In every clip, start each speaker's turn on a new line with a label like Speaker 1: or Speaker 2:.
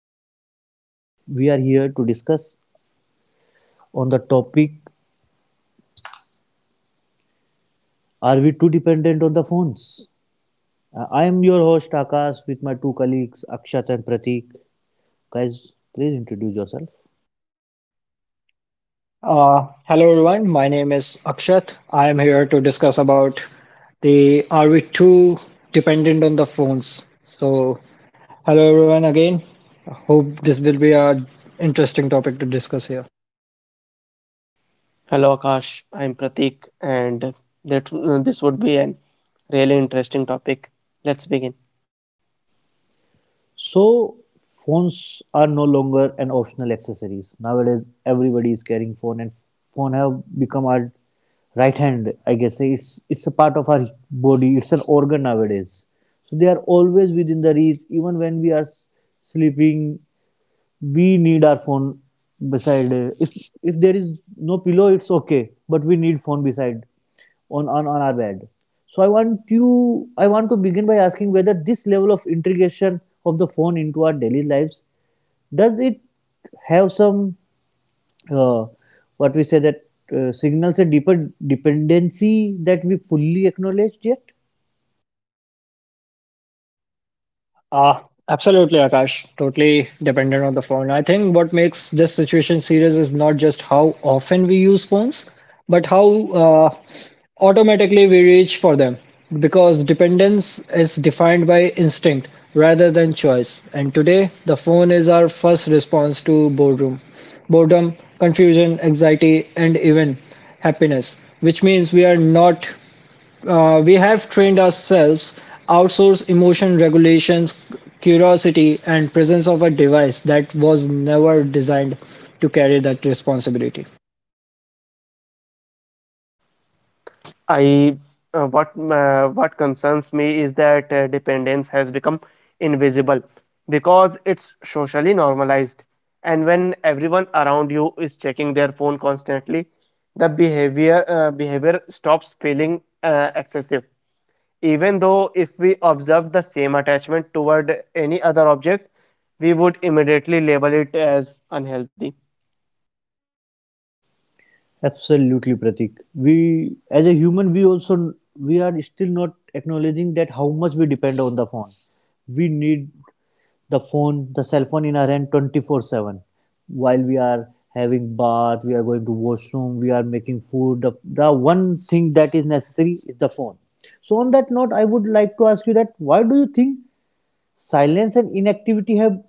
Speaker 1: podcast series. We are here to discuss on the topic, are we too dependent on the phones? I am your host Akash with my two colleagues Akshat and Pratik. Guys, please introduce yourself.
Speaker 2: Hello everyone, my name is Akshat. I am here to discuss about the are we too dependent on the phones? So, hello everyone again. Hope this will be a interesting topic to discuss here.
Speaker 3: Hello Akash, I'm Pratik, and that this would be an really interesting topic. Let's begin.
Speaker 1: So phones are no longer an optional accessories. Nowadays everybody is carrying phone and phone have become our right hand. I guess it's a part of our body, it's an organ nowadays. So they are always within the reach even when we are sleeping we need our phone beside, if there is no pillow it's okay but we need phone beside on our bed. So I want to begin by asking whether this level of integration of the phone into our daily lives, does it have some, uh, what we say that, signals a deeper dependency that we fully acknowledged yet.
Speaker 2: Uh, absolutely, Akash. Totally dependent on the phone. I think what makes this situation serious is not just how often we use phones, but how automatically we reach for them. Because dependence is defined by instinct rather than choice. And today, the phone is our first response to boredom, boredom, confusion, anxiety, and even happiness, which means we are not we have trained ourselves outsource emotion regulations, curiosity and presence of a device that was never designed to carry that responsibility.
Speaker 3: I what concerns me is that dependence has become invisible because it's socially normalized, and when everyone around you is checking their phone constantly, the behavior stops feeling excessive. Even though if we observe the same attachment toward any other object, we would immediately label it as unhealthy.
Speaker 1: Absolutely, Pratik. We, as a human, we are still not acknowledging that how much we depend on the phone. We need the phone, the cell phone in our hand 24/7. While we are having bath, we are going to washroom, we are making food. The one thing that is necessary is the phone. So on that note, I would like to ask you that why do you think silence and inactivity have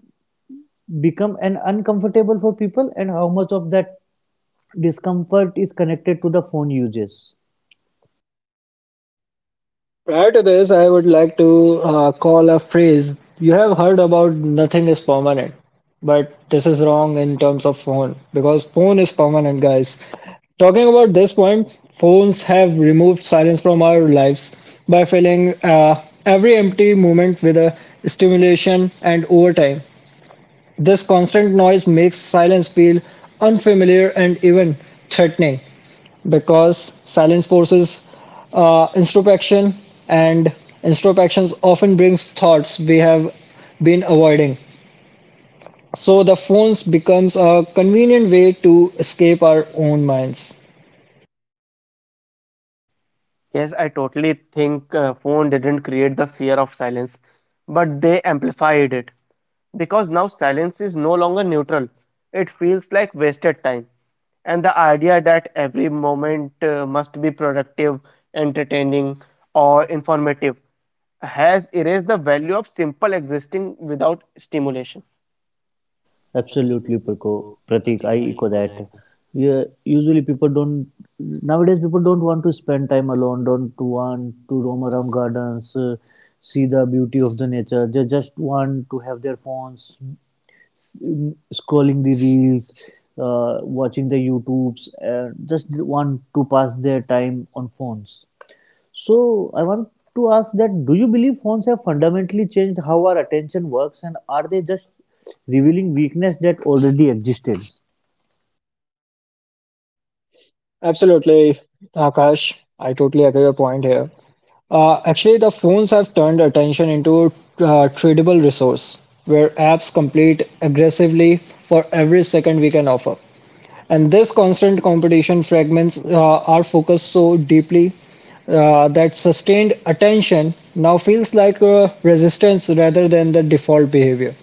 Speaker 1: become an uncomfortable for people, and how much of that discomfort is connected to the phone uses.
Speaker 2: Prior to this, I would like to call a phrase. You have heard about nothing is permanent, but this is wrong in terms of phone because phone is permanent, guys. Talking about this point, phones have removed silence from our lives by filling every empty moment with a stimulation and overtime. This constant noise makes silence feel unfamiliar and even threatening because silence forces introspection, and introspection often brings thoughts we have been avoiding. So the phones becomes a convenient way to escape our own minds.
Speaker 3: Yes, I totally think phone didn't create the fear of silence, but they amplified it because now silence is no longer neutral. It feels like wasted time. And the idea that every moment must be productive, entertaining, or informative has erased the value of simple existing without stimulation.
Speaker 1: Absolutely, Pratik. I echo that. Yeah, usually people don't nowadays people don't want to spend time alone. Don't want to roam around gardens, see the beauty of the nature. They just want to have their phones, scrolling the reels, watching the YouTubes, and just want to pass their time on phones. So I want to ask that do you believe phones have fundamentally changed how our attention works and are they just revealing weakness that already existed?
Speaker 2: Absolutely, Akash. I totally agree with your point here. Actually, the phones have turned attention into tradable resource where apps compete aggressively for every second we can offer. And this constant competition fragments our focus so deeply that sustained attention now feels like resistance rather than the default behavior,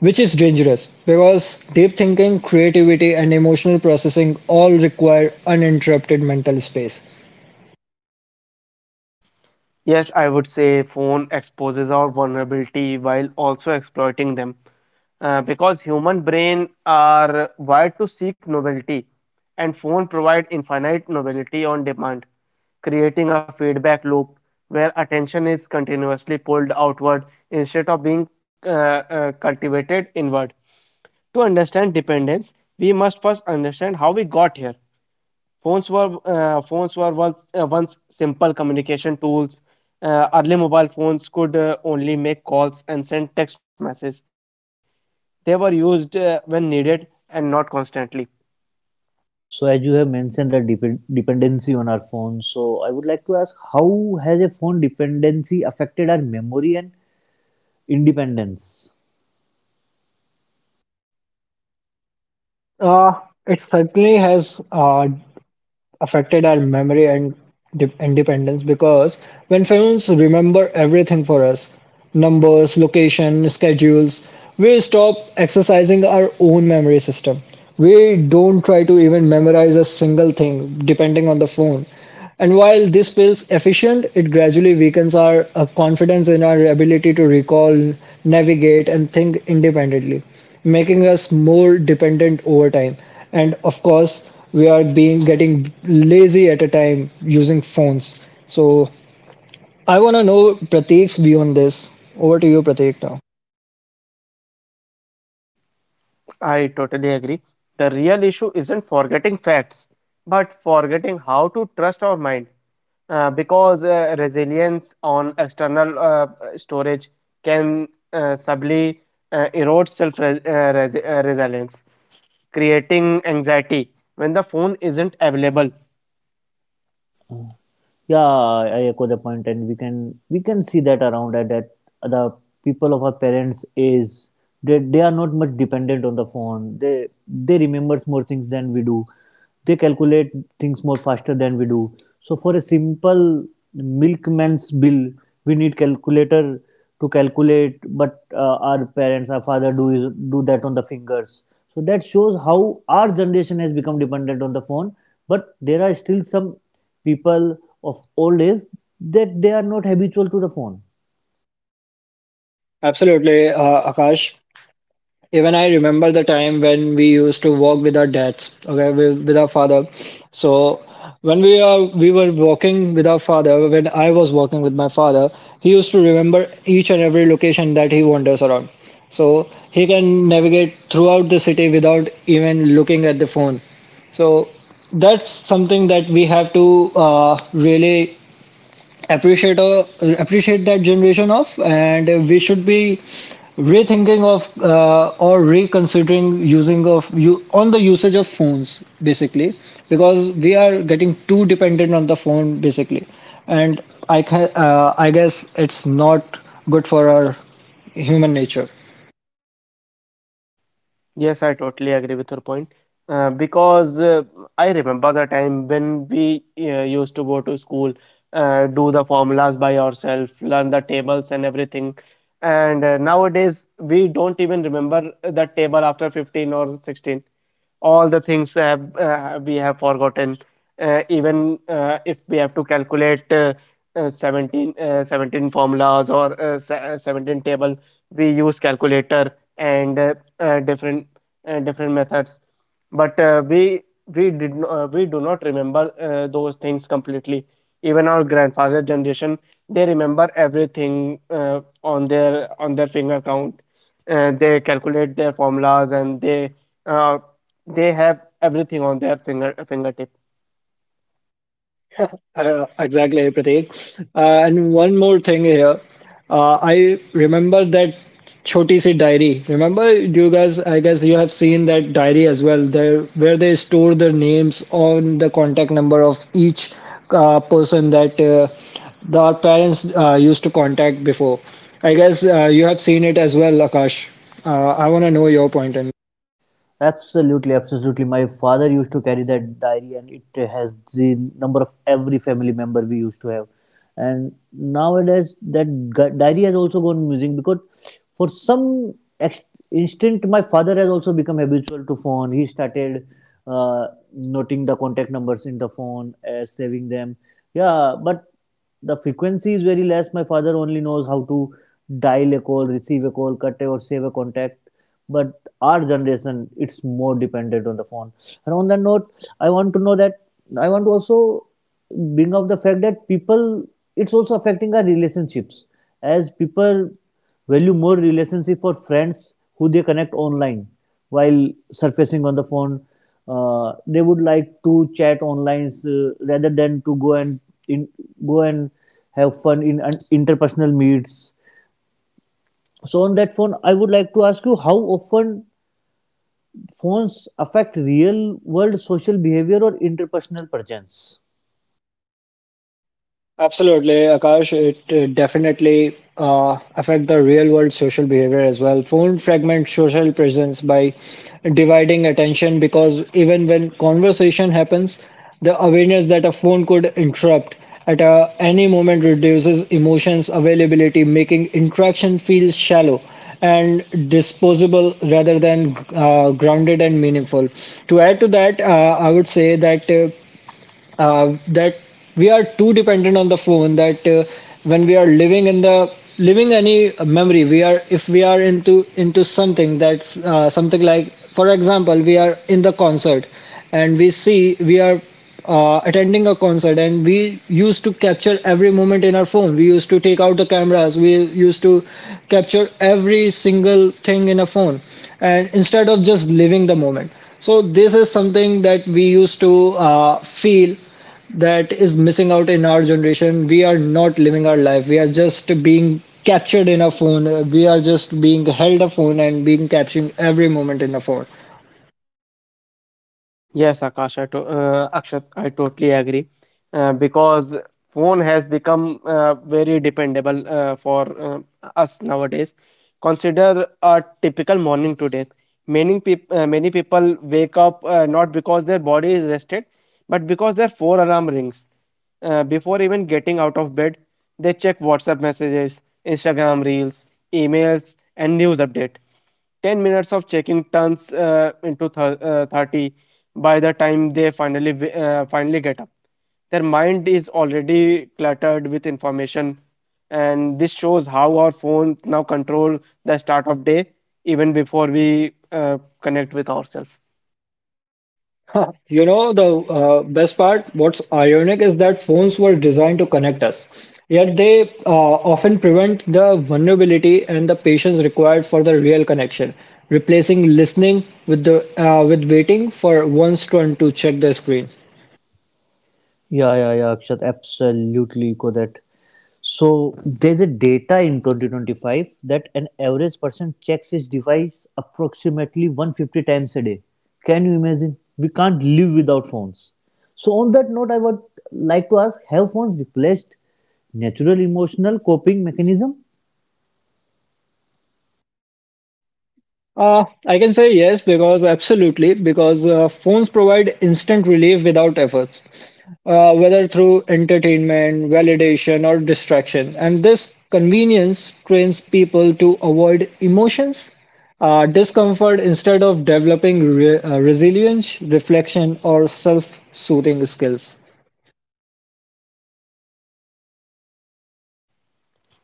Speaker 2: which is dangerous because deep thinking, creativity, and emotional processing all require uninterrupted mental space.
Speaker 3: Yes, I would say phone exposes our vulnerability while also exploiting them. Because human brain are wired to seek novelty and phone provide infinite novelty on demand, creating a feedback loop where attention is continuously pulled outward instead of being cultivated inward. To understand dependence, we must first understand how we got here. Phones were once once simple communication tools. Early mobile phones could only make calls and send text messages. They were used when needed and not constantly.
Speaker 1: So as you have mentioned the dependency on our phones, so I would like to ask how has a phone dependency affected our memory and independence?
Speaker 2: Uh, it certainly has affected our memory and independence because when phones remember everything for us, numbers, location, schedules, we stop exercising our own memory system. We don't try to even memorize a single thing depending on the phone. And while this feels efficient, it gradually weakens our confidence in our ability to recall, navigate, and think independently, making us more dependent over time. And of course, we are being getting lazy at a time using phones. So I want to know Prateek's view on this. Over to you, Prateek, now.
Speaker 3: I totally agree. The real issue isn't forgetting facts, but forgetting how to trust our mind. Because resilience on external storage can subtly erode self resilience, creating anxiety when the phone isn't available.
Speaker 1: Uh, yeah, I echo the point, and we can see that around that the people of our parents is, they are not much dependent on the phone. They remembers more things than we do. They calculate things more faster than we do. So for a simple milkman's bill, we need calculator to calculate, but our parents, our father do is, do that on the fingers. So that shows how our generation has become dependent on the phone. But there are still some people of old age that they are not habitual to the phone.
Speaker 2: Absolutely, Akash. Even I remember the time when we used to walk with our dads, okay, with our father. So when we are we were walking with our father, when I was walking with my father, he used to remember each and every location that he wanders around. So he can navigate throughout the city without even looking at the phone. So that's something that we have to really appreciate appreciate that generation of, and we should be rethinking of or reconsidering using of you on the usage of phones basically, because we are getting too dependent on the phone basically. And I guess it's not good for our human nature.
Speaker 3: Yes, I totally agree with your point. Because I remember the time when we used to go to school, do the formulas by ourselves, learn the tables and everything. And nowadays, we don't even remember the table after 15 or 16. All the things, we have forgotten. Even If we have to calculate 17 formulas or 17 table, we use calculator and different methods. But we did no, we do not remember those things completely. Even our grandfather generation, they remember everything on their finger count. They calculate their formulas and uh, they have everything on their fingertip.
Speaker 2: Exactly, Pratik. And one more thing here. I remember that Choti Si diary. Remember, you guys, I guess you have seen that diary as well, there, where they store the names on the contact number of each person that the, our parents used to contact before. I guess you have seen it as well, Akash. I want to know your point.
Speaker 1: Absolutely, absolutely. My father used to carry that diary, and it has the number of every family member we used to have. And nowadays, that diary has also gone missing because, for some ex- instant, my father has also become habitual to phone. He started uh, noting the contact numbers in the phone, saving them. Yeah, but the frequency is very less. My father only knows how to dial a call, receive a call, cut or save a contact. But our generation, it's more dependent on the phone. And on that note, I want to know that I want to also bring up the fact that people, it's also affecting our relationships. As people value more relationship for friends who they connect online while surfacing on the phone. They would like to chat online rather than to go and in, go and have fun in interpersonal meets. So on that phone, I would like to ask you how often phones affect real world social behavior or interpersonal presence.
Speaker 2: Absolutely, Akash. It definitely affect the real world social behavior as well. Phone fragments social presence by dividing attention because even when conversation happens, the awareness that a phone could interrupt at a, any moment reduces emotions availability, making interaction feel shallow and disposable rather than grounded and meaningful. To add to that, I would say that. That we are too dependent on the phone, that when we are living in the living any memory, we are, if we are into something that's something, like for example we are in the concert and we are attending a concert, and we used to capture every moment in our phone, we used to take out the cameras, we used to capture every single thing in a phone, and instead of just living the moment. So this is something that we used to feel that is missing out in our generation. We are not living our life, we are just being captured in a phone. We are just being held a phone and being captured every moment in a phone.
Speaker 3: Yes, Akshat, I totally agree. Because Phone has become very dependable for us nowadays. Consider a typical morning today. Many people wake up not because their body is rested, but because their four alarm rings. Before even getting out of bed, they check WhatsApp messages, Instagram reels, emails, and news update. 10 minutes of checking turns into 30 by the time they finally get up. Their mind is already cluttered with information, and this shows how our phones now control the start of day even before we connect with ourselves.
Speaker 2: You know, the best part, what's ironic is that phones were designed to connect us, yet they often prevent the vulnerability and the patience required for the real connection, replacing listening with the with waiting for one's turn to check the screen.
Speaker 1: Yeah, yeah, yeah, Akshat, absolutely echo that. So there's a data in 2025 that an average person checks his device approximately 150 times a day. Can you imagine? We can't live without phones. So on that note, I would like to ask, have phones replaced natural emotional coping mechanism?
Speaker 2: I can say yes, because absolutely, because phones provide instant relief without efforts, whether through entertainment, validation, or distraction. And this convenience trains people to avoid emotions, discomfort, instead of developing re resilience, reflection, or self-soothing skills.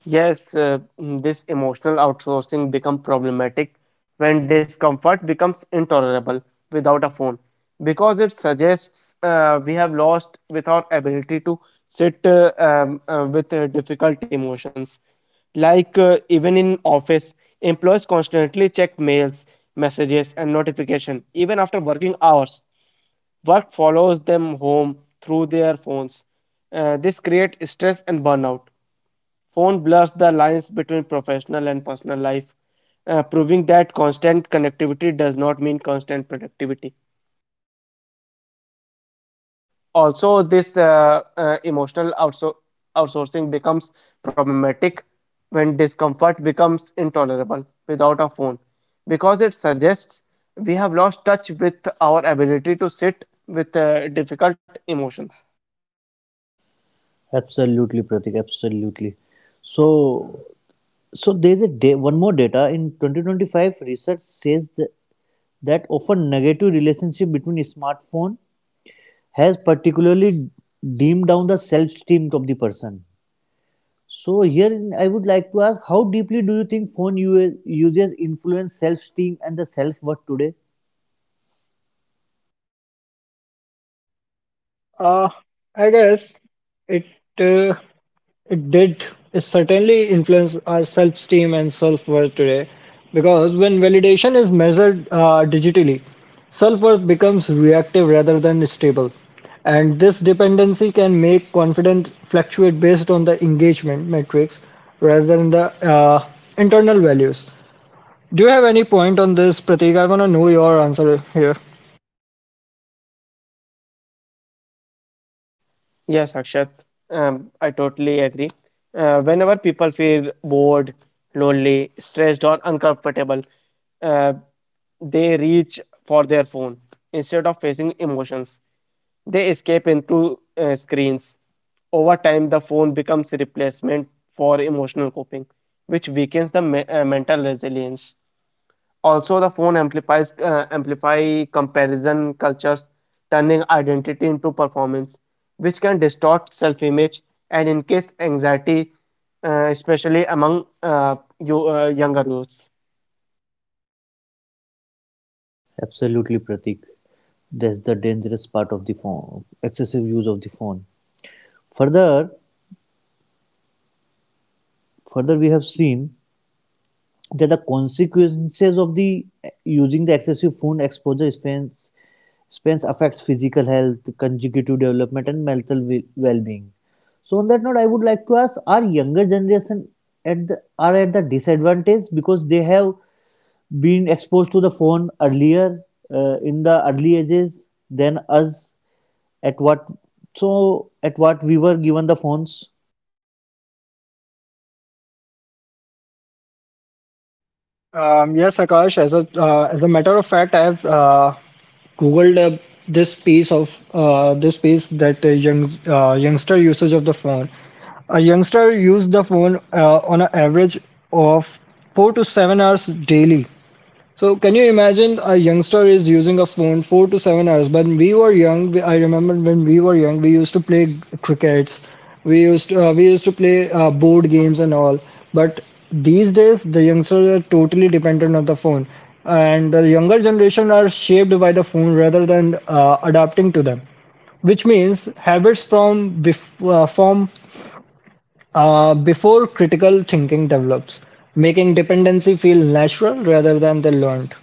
Speaker 3: Yes, this emotional outsourcing becomes problematic when discomfort becomes intolerable without a phone because it suggests we have lost with our ability to sit with difficult emotions. Like even in office, employees constantly check mails, messages, and notification even after working hours. Work follows them home through their phones. This creates stress and burnout. Phone blurs the lines between professional and personal life, proving that constant connectivity does not mean constant productivity. Also, this emotional outsourcing becomes problematic when discomfort becomes intolerable without a phone, because it suggests we have lost touch with our ability to sit with difficult emotions.
Speaker 1: Absolutely, Pratik. Absolutely. So, so there's a day, one more data in 2025. Research says that that often negative relationship between smartphone has particularly dimmed down the self-esteem of the person. So here I would like to ask, how deeply do you think phone users influence self-esteem and the self-worth today?
Speaker 2: Uh, I guess it uh, it did, it certainly influence our self-esteem and self-worth today because when validation is measured digitally, self-worth becomes reactive rather than stable. And this dependency can make confidence fluctuate based on the engagement metrics rather than the internal values. Do you have any point on this, Pratik? I want to know your answer here.
Speaker 3: Yes, Akshat, I totally agree. Whenever people feel bored, lonely, stressed, or uncomfortable, uh, they reach for their phone instead of facing emotions. They escape into screens. Over time, the phone becomes a replacement for emotional coping, which weakens the mental resilience. Also, the phone amplifies amplify comparison cultures, turning identity into performance, which can distort self-image and increase anxiety, especially among younger youths.
Speaker 1: Absolutely, Pratik. That's the dangerous part of the phone, excessive use of the phone. Further, we have seen that the consequences of the using the excessive phone exposure spends affects physical health, consecutive development and mental well-being. So on that note, I would like to ask, are younger generation are at the disadvantage because they have been exposed to the phone earlier, in the early ages than us, at what, so at what we were given the phones.
Speaker 2: Yes, Akash. As a matter of fact, I've Googled this piece of, this piece that youngster usage of the phone. A youngster used the phone on an average of 4 to 7 hours daily. So can you imagine a youngster is using a phone 4 to 7 hours? When we were young, I remember when we were young, we used to play crickets. We used to play board games and all. But these days, the youngsters are totally dependent on the phone, and the younger generation are shaped by the phone rather than adapting to them. Which means habits from from before critical thinking develops, making dependency feel natural rather than the learned.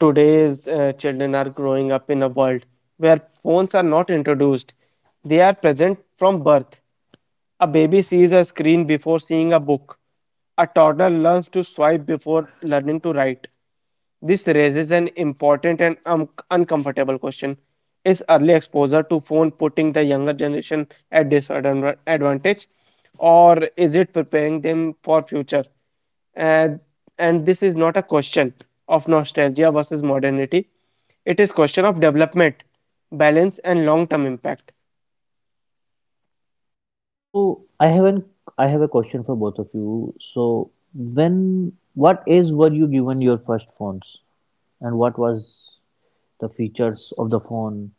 Speaker 3: Today's children are growing up in a world where phones are not introduced; they are present from birth. A baby sees a screen before seeing a book. A toddler learns to swipe before learning to write. This raises an important and uncomfortable question. Is early exposure to phone putting the younger generation at disadvantage or is it preparing them for future? And, and this is not a question of nostalgia versus modernity. It is question of development, balance and long-term impact.
Speaker 1: So I have not I have a question for both of you. So when what age were you given your first phones, and what was the features of the phone?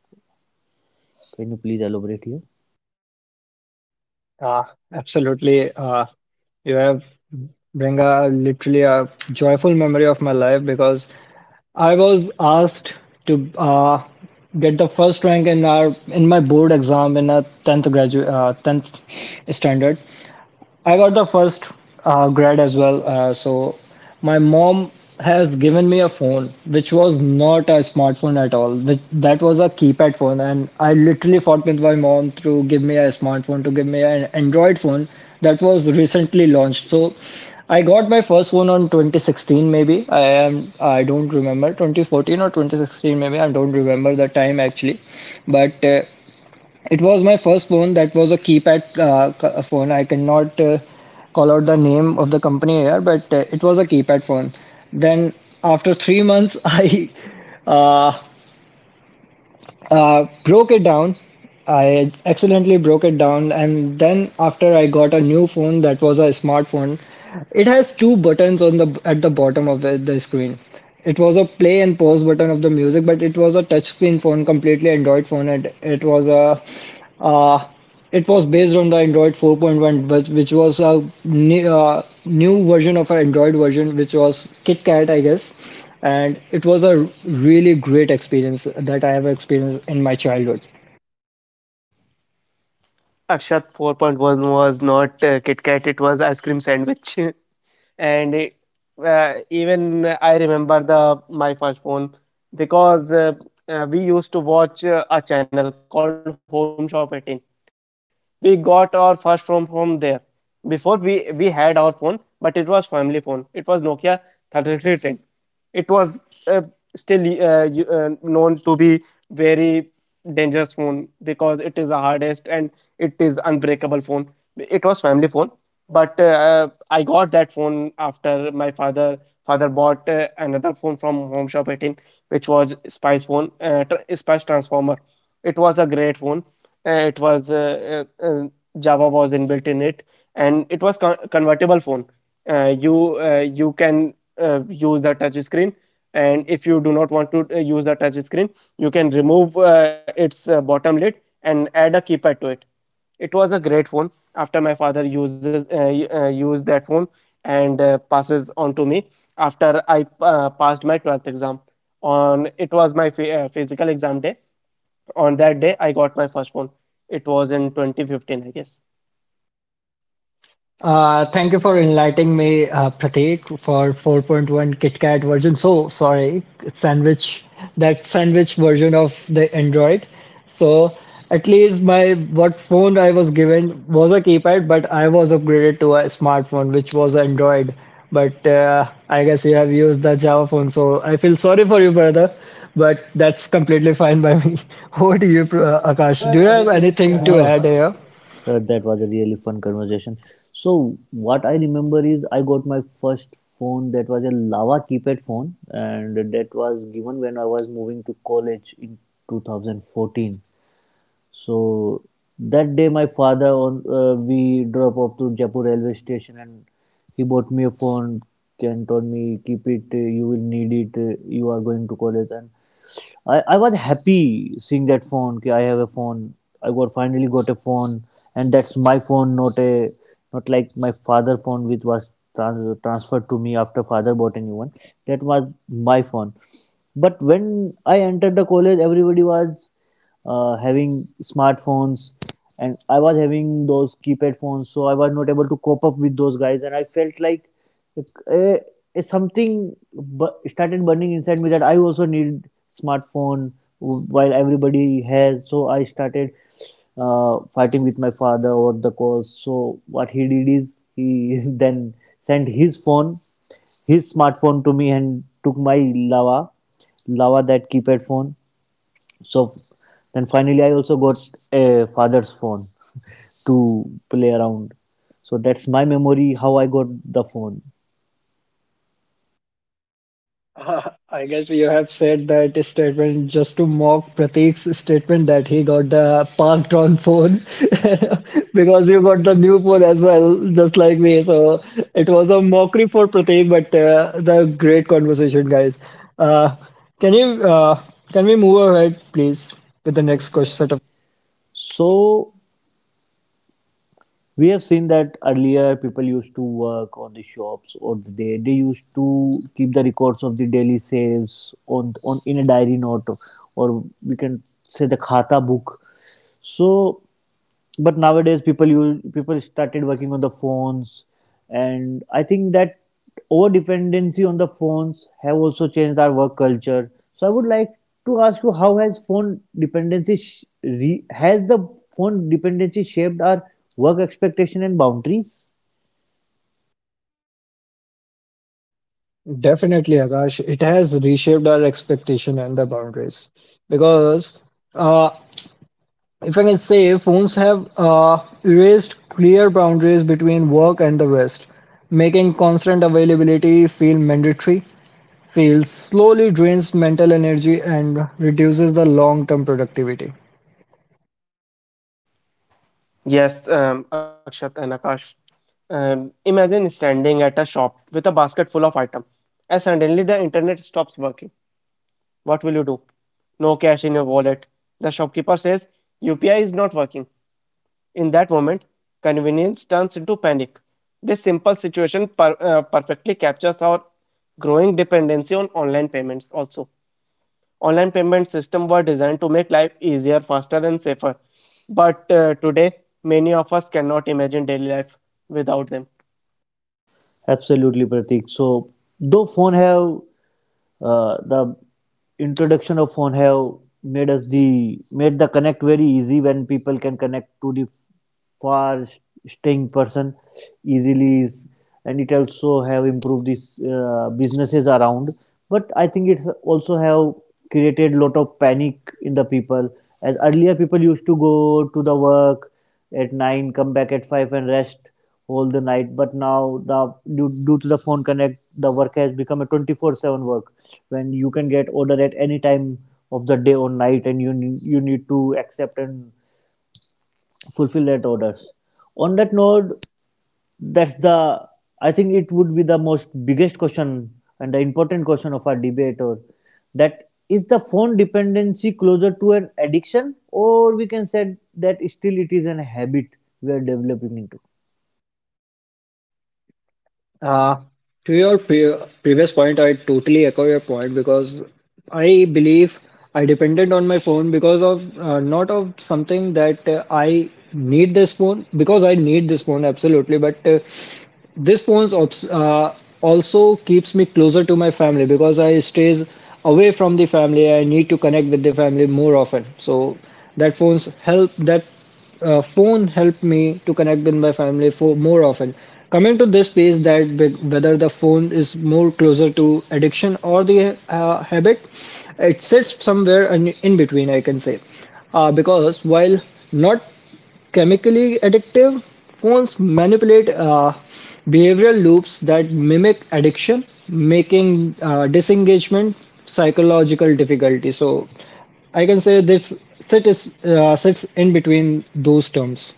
Speaker 1: Can you please elaborate here?
Speaker 2: Uh, absolutely. You have bring a literally a joyful memory of my life because I was asked to get the first rank in our in my board exam in a tenth standard. I got the first grad as well. So my mom has given me a phone which was not a smartphone at all. Which, that was a keypad phone, and I literally fought with my mom to give me a smartphone, to give me an Android phone that was recently launched. So I got my first phone on 2016 maybe. I don't remember 2014 or 2016 maybe. I don't remember the time actually, but. It was my first phone that was a keypad phone. I cannot call out the name of the company here, but it was a keypad phone. Then after 3 months, I uh, broke it down. I accidentally broke it down, and then after I got a new phone that was a smartphone. It has two buttons on the at the bottom of the screen. It was a play and pause button of the music, but it was a touchscreen phone, completely Android phone, and it was a uh, it was based on the Android 4.1, which was a new, new version of our Android version, which was KitKat, I guess. And it was a really great experience that I have experienced in my childhood.
Speaker 3: Akshat 4.1 was not Kit Kat, it was ice cream sandwich. and it, Even I remember the my first phone because we used to watch a channel called Home Shop 18. We got our first phone from there. Before we had our phone, but it was family phone. It was Nokia 3310. It was still known to be very dangerous phone because it is the hardest and it is unbreakable phone. It was family phone, but I got that phone after my father bought another phone from Home Shop 18, which was spice phone, spice transformer. It was a great phone. It was Java was inbuilt in it, and it was convertible phone. You can use the touch screen, and if you do not want to use the touch screen, you can remove its bottom lid and add a keypad to it. It was a great phone. After my father uses used that phone and passes on to me, after I passed my 12th exam, on it was my physical exam day, on that day I got my first phone. It was in 2015, I guess.
Speaker 2: Thank you for enlightening me, Pratik, for 4.1 KitKat version. So sorry, sandwich, that sandwich version of the Android. So at least my what phone I was given was a keypad, but I was upgraded to a smartphone, which was Android. But I guess you have used the Java phone, so I feel sorry for you, brother. But that's completely fine by me. Over to you, Akash. Do you have anything to add
Speaker 1: Oh,
Speaker 2: here?
Speaker 1: that was a really fun conversation. So what I remember is I got my first phone that was a lava keypad phone, and that was given when I was moving to college in 2014. So that day, my father on, we drop off to Jaipur railway station, and he bought me a phone and told me keep it. You will need it. You are going to college, and I was happy seeing that phone. Ki I have a phone. I got finally got a phone, and that's my phone, not a, not like my father phone, which was transferred to me after father bought a new one. That was my phone. But when I entered the college, everybody was having smartphones and I was having those keypad phones, so I was not able to cope up with those guys and I felt like, uh, something started burning inside me that I also need smartphone while everybody has. So I started fighting with my father over the calls. So what he did is he then sent his phone, his smartphone to me and took my lava lava that keypad phone. So then finally, I also got a father's phone to play around. So that's my memory how I got the phone.
Speaker 2: I guess you have said that statement just to mock Pratik's statement that he got the passed on phone because you got the new phone as well, just like me. So it was a mockery for Pratik, but the great conversation, guys. Uh, can you uh, can we move ahead, please, with the next question set of?
Speaker 1: So we have seen that earlier people used to work on the shops or they used to keep the records of the daily sales on in a diary note or we can say the khata book. So but nowadays people started working on the phones, and I think that over dependency on the phones have also changed our work culture. So I would like to ask you how has phone dependency sh- re- has the phone dependency shaped our work expectation and boundaries.
Speaker 2: Definitely, Akash. It has reshaped our expectation and the boundaries because. uh, If I can say, phones have erased clear boundaries between work and the rest, making constant availability feel mandatory, feels slowly drains mental energy and reduces the long-term productivity.
Speaker 3: Yes, Akshat and Akash, imagine standing at a shop with a basket full of items, and suddenly the internet stops working. What will you do? No cash in your wallet. The shopkeeper says UPI is not working. In that moment, convenience turns into panic. This simple situation perfectly captures our growing dependency on online payments also. Online payment systems were designed to make life easier, faster, and safer. But today, many of us cannot imagine daily life without them.
Speaker 1: Absolutely, Pratik. So though phone have, the introduction of phone have made us the made the connect very easy when people can connect to the far staying person easily is, and it also have improved these businesses around, but I think it's also have created lot of panic in the people, as earlier people used to go to the work at 9, come back at 5 and rest all the night, but now the due to the phone connect the work has become a 24/7 work when you can get order at any time of the day or night, and you you need to accept and fulfill that orders. On that note, that's the, I think it would be the most biggest question and the important question of our debate, or that, is the phone dependency closer to an addiction, or we can say that still it is an habit we are developing into?
Speaker 2: Uh, to your previous point, I totally echo your point because I believe I depended on my phone because of not of something that I need this phone, because I need this phone absolutely, but this phones also keeps me closer to my family because I stays away from the family. I need to connect with the family more often. So that phones help that, phone helped me to connect with my family for more often. Coming to this piece that whether the phone is more closer to addiction or the habit, it sits somewhere in between. I can say because while not chemically addictive, phones manipulate behavioral loops that mimic addiction, making disengagement psychological difficulty. So I can say this sits in between those terms.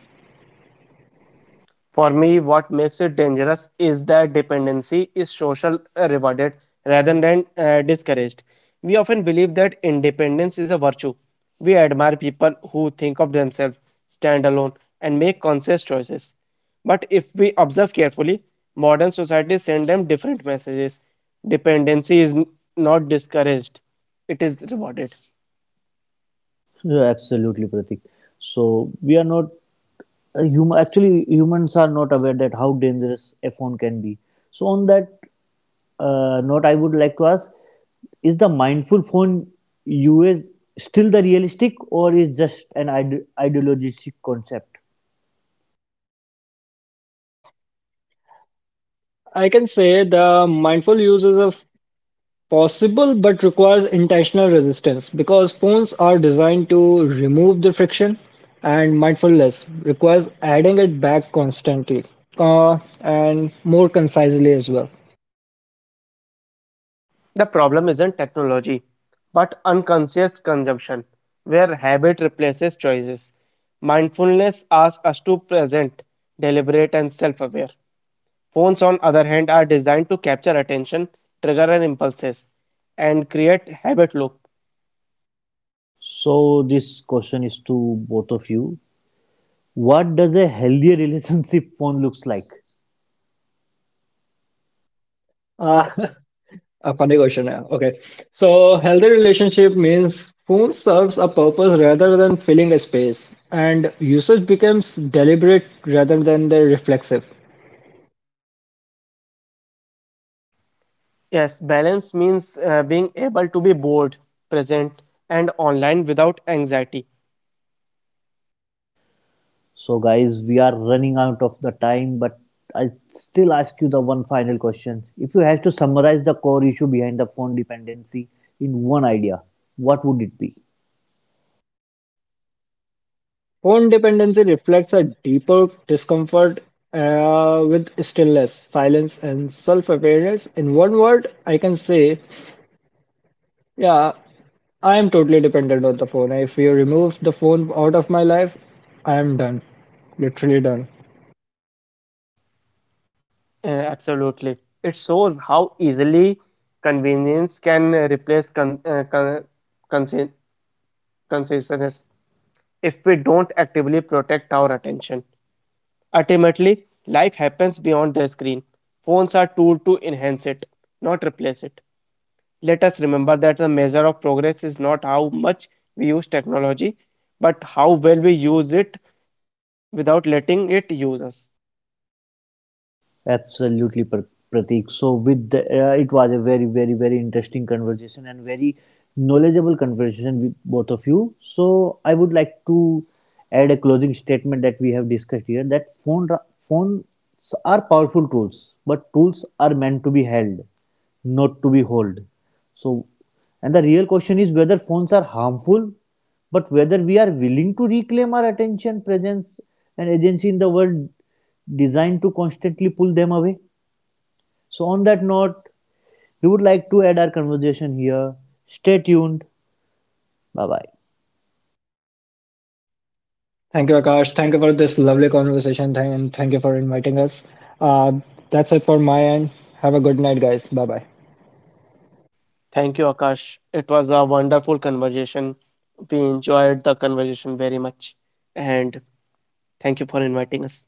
Speaker 3: For me, what makes it dangerous is that dependency is social rewarded rather than discouraged. We often believe that independence is a virtue. We admire people who think of themselves, stand alone, and make conscious choices. But if we observe carefully, modern societies send them different messages. Dependency is not discouraged, it is rewarded.
Speaker 1: Yeah, absolutely, Pratik. So we are not, actually humans are not aware that how dangerous a phone can be. So on that note, I would like to ask, is the mindful phone use still the realistic, or is just an ideologistic concept?
Speaker 2: Uh, I can say the mindful uses of possible, but requires intentional resistance because phones are designed to remove the friction, and mindfulness requires adding it back constantly and more concisely as well.
Speaker 3: The problem isn't technology, but unconscious consumption, where habit replaces choices. Mindfulness asks us to present, deliberate, and self aware. Phones, on other hand, are designed to capture attention, trigger and impulses, and create habit loop.
Speaker 1: So this question is to both of you. What does a healthy relationship phone looks like?
Speaker 2: Uh, a funny question. Yeah. Okay. So, healthy relationship means phone serves a purpose rather than filling a space, and usage becomes deliberate rather than the reflexive.
Speaker 3: Yes, balance means being able to be bored, present, and online without anxiety.
Speaker 1: So, guys, we are running out of the time, but I still ask you the one final question. If you had to summarize the core issue behind the phone dependency in one idea, what would it be?
Speaker 2: Phone dependency reflects a deeper discomfort with stillness, silence, and self awareness. In one word, I can say, yeah, I am totally dependent on the phone. If you remove the phone out of my life, I am done. Literally done.
Speaker 3: Uh, Absolutely. It shows how easily convenience can replace conscience concession is if we don't actively protect our attention. Ultimately, life happens beyond the screen. Phones are tool to enhance it, not replace it. Let us remember that the measure of progress is not how much we use technology, but how well we use it without letting it use us.
Speaker 1: Absolutely, Pratik. So, with the, it was a very, very, very interesting conversation and very knowledgeable conversation with both of you. So, I would like to add a closing statement that we have discussed here that phones are powerful tools, but tools are meant to be held, not to be held. So, and the real question is whether phones are harmful, but whether we are willing to reclaim our attention, presence, and agency in the world designed to constantly pull them away? So, on that note, we would like to add our conversation here. Stay tuned. Bye bye.
Speaker 2: Thank you, Akash. Thank you for this lovely conversation. And thank you for inviting us. Uh, that's it for my end. Have a good night, guys. Bye bye.
Speaker 3: Thank you, Akash. It was a wonderful conversation. We enjoyed the conversation very much. And thank you for inviting us.